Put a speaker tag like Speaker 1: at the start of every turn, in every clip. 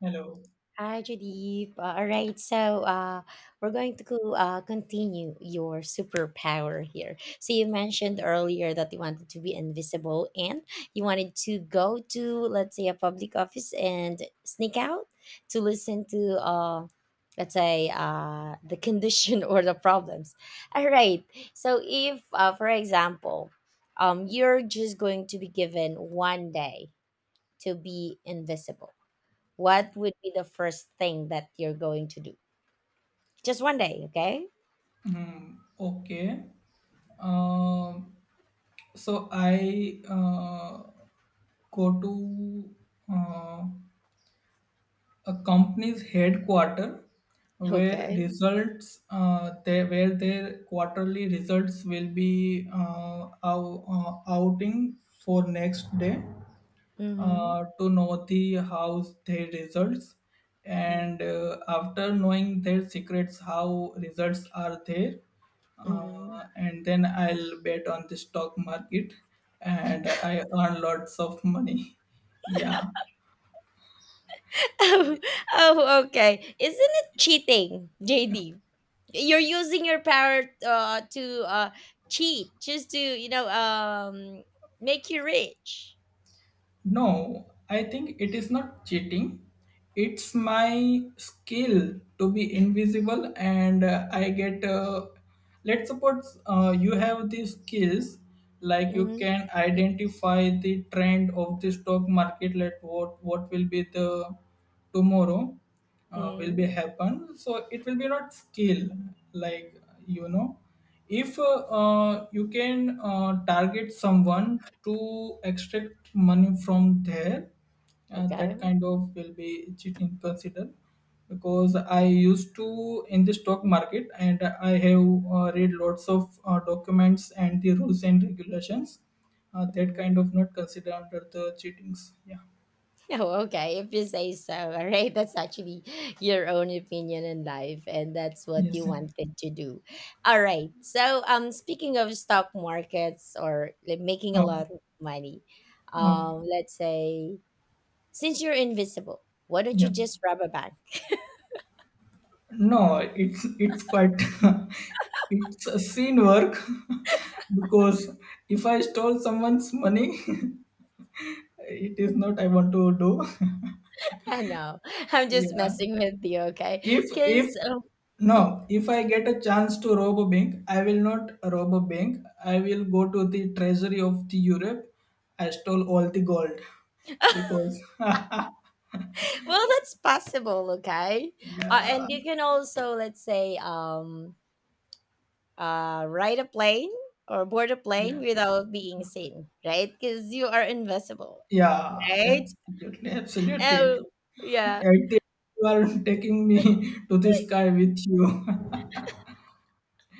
Speaker 1: Hello.
Speaker 2: Hi, Jadip. All right, so we're going to continue your superpower here. So you mentioned earlier that you wanted to be invisible and you wanted to go to, let's say, a public office and sneak out to listen to, let's say, the condition or the problems. All right. So if, for example, you're just going to be given one day to be invisible, what would be the first thing that you're going to do? Just one day, okay?
Speaker 1: Hmm, okay. Um, so I go to uh, a company's headquarter where
Speaker 2: Okay.
Speaker 1: where their quarterly results will be outing for next day
Speaker 2: Mm-hmm.
Speaker 1: to know the how their results, and after knowing their secrets how results are there,
Speaker 2: Mm-hmm.
Speaker 1: and then I'll bet on the stock market and I earn lots of money yeah.
Speaker 2: Oh, oh, okay. Isn't it cheating, JD? You're using your power to cheat, just to make you rich.
Speaker 1: No, I think it is not cheating. It's my skill to be invisible, and I get. Let's suppose you have these skills, like you
Speaker 2: Mm-hmm.
Speaker 1: can identify the trend of the stock market. Let what will be the tomorrow will
Speaker 2: Mm-hmm.
Speaker 1: be happen. So it will be not skill, like you know, if you can target someone to extract money from there, that
Speaker 2: Okay.
Speaker 1: kind of will be cheating considered, because I used to in the stock market and I have read lots of documents and the rules and regulations, that kind
Speaker 2: Mm-hmm.
Speaker 1: of not considered under the cheatings. Yeah,
Speaker 2: Oh, okay. If you say so, all right. That's actually your own opinion in life, and that's what you
Speaker 1: yes,
Speaker 2: wanted to do. All right. So, speaking of stock markets or like making a
Speaker 1: okay,
Speaker 2: lot of money,
Speaker 1: okay.
Speaker 2: let's say, since you're invisible, why don't
Speaker 1: Yeah.
Speaker 2: you just rob a bank?
Speaker 1: No, it's quite it's a scene work because if I stole someone's money, it is not I want to do.
Speaker 2: I know. I'm just
Speaker 1: Yeah.
Speaker 2: messing with you, okay?
Speaker 1: If
Speaker 2: Because
Speaker 1: no, if I get a chance to rob a bank, I will not rob a bank. I will go to the treasury of the Europe. I stole all the gold because
Speaker 2: well, that's possible, okay?
Speaker 1: yeah,
Speaker 2: And you can also, let's say, ride a plane or board a plane
Speaker 1: yeah,
Speaker 2: without being seen, right? Because you are invisible,
Speaker 1: yeah,
Speaker 2: right?
Speaker 1: absolutely, absolutely.
Speaker 2: Oh, yeah.
Speaker 1: At the You are taking me to the sky with you.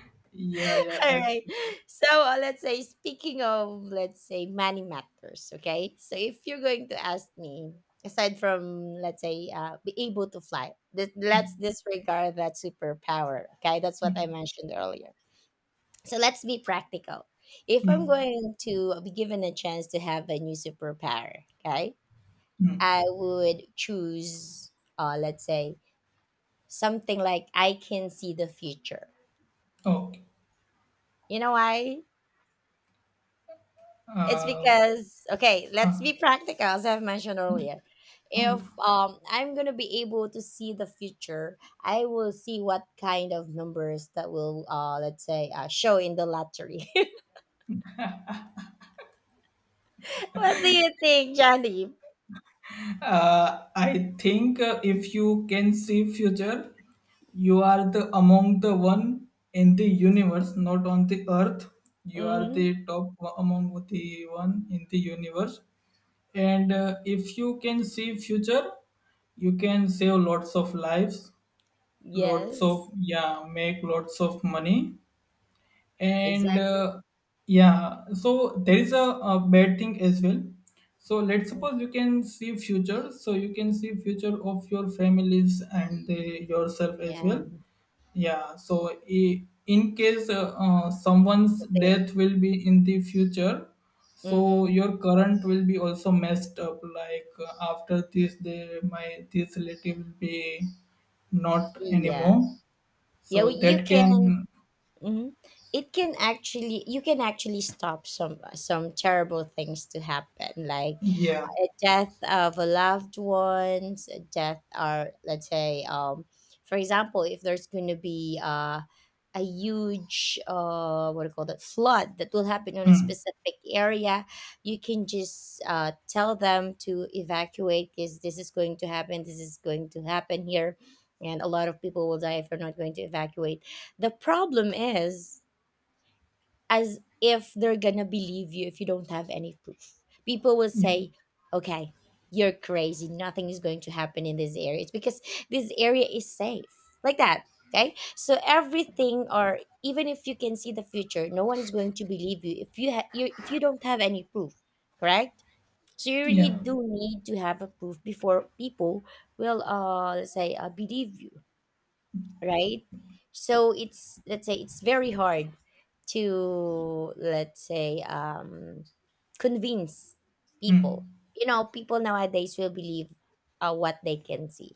Speaker 1: Yeah, yeah,
Speaker 2: All right.
Speaker 1: absolutely.
Speaker 2: So let's say, speaking of, let's say, money matters, okay? So if you're going to ask me, aside from, let's say, be able to fly, let's disregard that superpower, okay? That's what I mentioned earlier. So let's be practical. If I'm
Speaker 1: Hmm,
Speaker 2: going to be given a chance to have a new superpower, okay?
Speaker 1: hmm.
Speaker 2: I would choose, let's say, something like I can see the future.
Speaker 1: Okay.
Speaker 2: You know why? It's
Speaker 1: Uh,
Speaker 2: because, okay, let's
Speaker 1: huh,
Speaker 2: be practical, as I've mentioned earlier. If
Speaker 1: okay.
Speaker 2: I'm going to be able to see the future, I will see what kind of numbers that will, let's say, show in the lottery. What do you think, Johnny?
Speaker 1: I think if you can see future, you are the among the one in the universe, not on the earth. You are
Speaker 2: Mm-hmm.
Speaker 1: the top among the one in the universe. And if you can see future, you can save lots of lives, lots
Speaker 2: Yes,
Speaker 1: of, yeah, make lots of money, and
Speaker 2: exactly.
Speaker 1: yeah, so there is a bad thing as well. So let's
Speaker 2: Mm,
Speaker 1: suppose you can see future, so you can see future of your families and the, yourself as
Speaker 2: yeah.
Speaker 1: well. Yeah, so in case someone's
Speaker 2: something-
Speaker 1: death will be in the future, so
Speaker 2: Mhm.
Speaker 1: your current will be also messed up. Like after this, the my this relative will be not
Speaker 2: Yeah.
Speaker 1: anymore,
Speaker 2: Yeah,
Speaker 1: so
Speaker 2: you
Speaker 1: that
Speaker 2: can.
Speaker 1: can,
Speaker 2: Hmm. It can actually, you can actually stop some terrible things to happen. Like
Speaker 1: yeah.
Speaker 2: a death of a loved ones, a death, or let's say, for example, if there's going to be a huge, what do you call that, flood that will happen on a
Speaker 1: Mm.
Speaker 2: specific area, you can just tell them to evacuate because this is going to happen. This is going to happen here. And a lot of people will die if they're not going to evacuate. The problem is, as if they're gonna believe you if you don't have any proof. People will
Speaker 1: Yeah.
Speaker 2: say, okay, you're crazy. Nothing is going to happen in this area. It's because this area is safe. Like that. Okay. So everything, or even if you can see the future, no one is going to believe you if you you, if you don't have any proof. Correct. So you
Speaker 1: Yeah.
Speaker 2: really do need to have a proof before people will, let's say, believe you, right? So it's, let's say, it's very hard to, let's say, convince people.
Speaker 1: Mm.
Speaker 2: You know, people nowadays will believe what they can see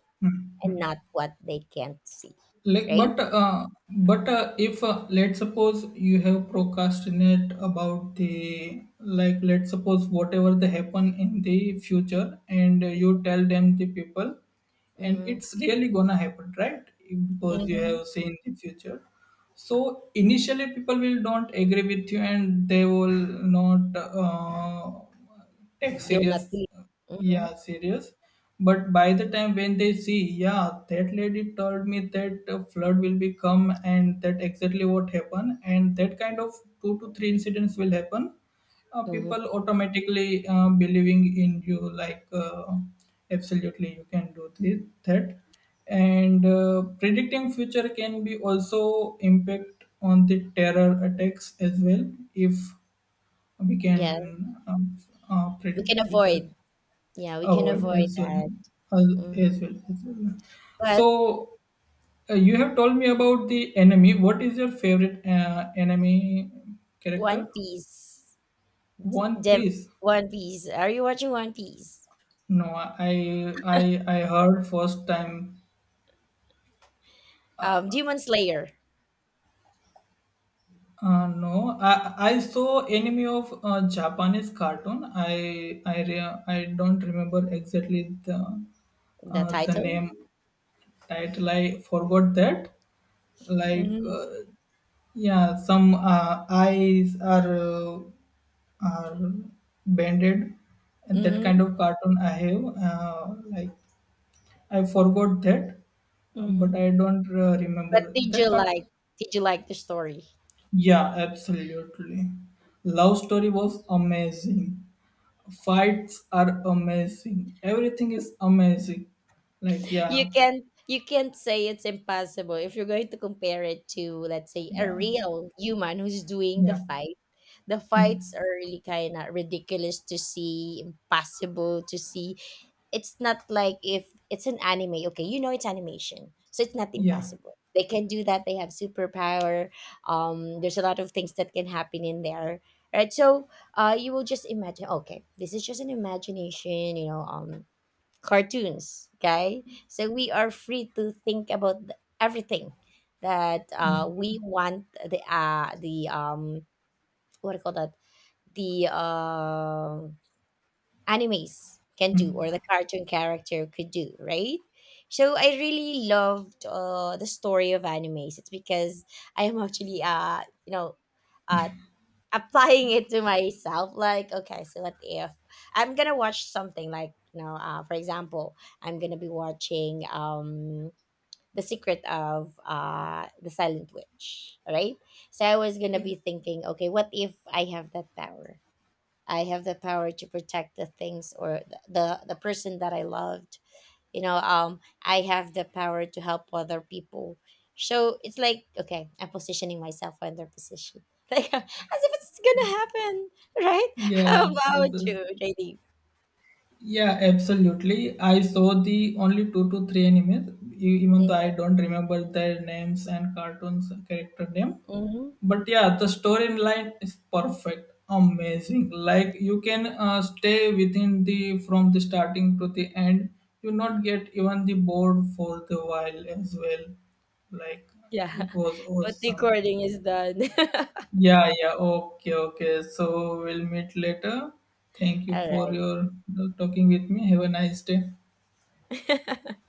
Speaker 2: and not what they can't see,
Speaker 1: Like
Speaker 2: right?
Speaker 1: but if let's suppose you have procrastinate about the, like let's suppose whatever they happen in the future and you tell them the people, and
Speaker 2: Mm-hmm.
Speaker 1: it's really gonna happen, right? Because you
Speaker 2: Mm-hmm.
Speaker 1: have seen the future. So initially, people will not agree with you, and they will not take
Speaker 2: They will not
Speaker 1: serious.
Speaker 2: believe. Mm-hmm.
Speaker 1: Yeah, serious. But by the time when they see, yeah, that lady told me that a flood will be come, and that exactly what happened, and that kind of two to three incidents will happen,
Speaker 2: Mm-hmm.
Speaker 1: people automatically believing in you, like absolutely you can do this, that. And predicting future can be also impact on the terror attacks as well, if we
Speaker 2: Yeah,
Speaker 1: can
Speaker 2: we
Speaker 1: predict
Speaker 2: can
Speaker 1: future,
Speaker 2: avoid. Yeah, we can
Speaker 1: avoid
Speaker 2: avoid
Speaker 1: as well,
Speaker 2: that.
Speaker 1: as,
Speaker 2: Mm.
Speaker 1: as well as well.
Speaker 2: But
Speaker 1: So you have told me about the enemy, what is your favorite enemy character.
Speaker 2: One Piece,
Speaker 1: One
Speaker 2: them
Speaker 1: piece.
Speaker 2: One Piece. Are you watching One Piece?
Speaker 1: No, I heard first time.
Speaker 2: Demon Slayer.
Speaker 1: No, I saw enemy of Japanese cartoon. I I don't remember exactly
Speaker 2: The
Speaker 1: the
Speaker 2: title?
Speaker 1: name title. I totally forgot that. Like
Speaker 2: Mhm.
Speaker 1: yeah, some eyes are bended, and that
Speaker 2: Mhm.
Speaker 1: kind of cartoon I have. Like I forgot that,
Speaker 2: Mhm.
Speaker 1: but I don't
Speaker 2: But
Speaker 1: remember
Speaker 2: did you
Speaker 1: that
Speaker 2: like
Speaker 1: cartoon.
Speaker 2: did you like the story?
Speaker 1: Yeah, absolutely. Love story was amazing. Fights are amazing. Everything is amazing. Like
Speaker 2: you
Speaker 1: yeah,
Speaker 2: can't you can't say it's impossible if you're going to compare it to, let's say, a
Speaker 1: yeah,
Speaker 2: real human who's doing the
Speaker 1: yeah,
Speaker 2: fight. The fights
Speaker 1: hmm,
Speaker 2: are really kind of ridiculous to see, impossible to see. It's not like, if it's an anime, okay, you know, it's animation, so it's not
Speaker 1: yeah,
Speaker 2: impossible. They can do that. They have superpower. There's a lot of things that can happen in there, right? So you will just imagine, okay, this is just an imagination, cartoons, okay. So we are free to think about everything that
Speaker 1: yeah.
Speaker 2: we want, the the what do you call that, the animes can do or the cartoon character could do, right. So I really loved, the story of animes. It's because I am actually, uh, applying it to myself, like, okay, so what if I'm gonna watch something like, for example, I'm gonna be watching, the secret of the silent witch, right? So I was gonna
Speaker 1: Okay.
Speaker 2: be thinking, okay, what if I have that power? I have the power to protect the things, or the person that I love. You know, I have the power to help other people. So it's like, okay, I'm positioning myself in their position, like as if it's gonna happen. Right. How
Speaker 1: Yes, yes,
Speaker 2: about
Speaker 1: yes.
Speaker 2: you, JD?
Speaker 1: Yeah, absolutely. I saw the only two to three animes, even though I don't remember their names and cartoons character name.
Speaker 2: Mm-hmm.
Speaker 1: But yeah, the storyline is perfect, amazing. Like you can stay within the from the starting to the end. You not get even the bored for the while as well. Like
Speaker 2: Yeah.
Speaker 1: it was
Speaker 2: But the
Speaker 1: awesome.
Speaker 2: recording is done.
Speaker 1: Yeah, yeah. Okay, okay. So we'll meet later. Thank you
Speaker 2: All
Speaker 1: for your talking with me. Have a nice day.
Speaker 2: right.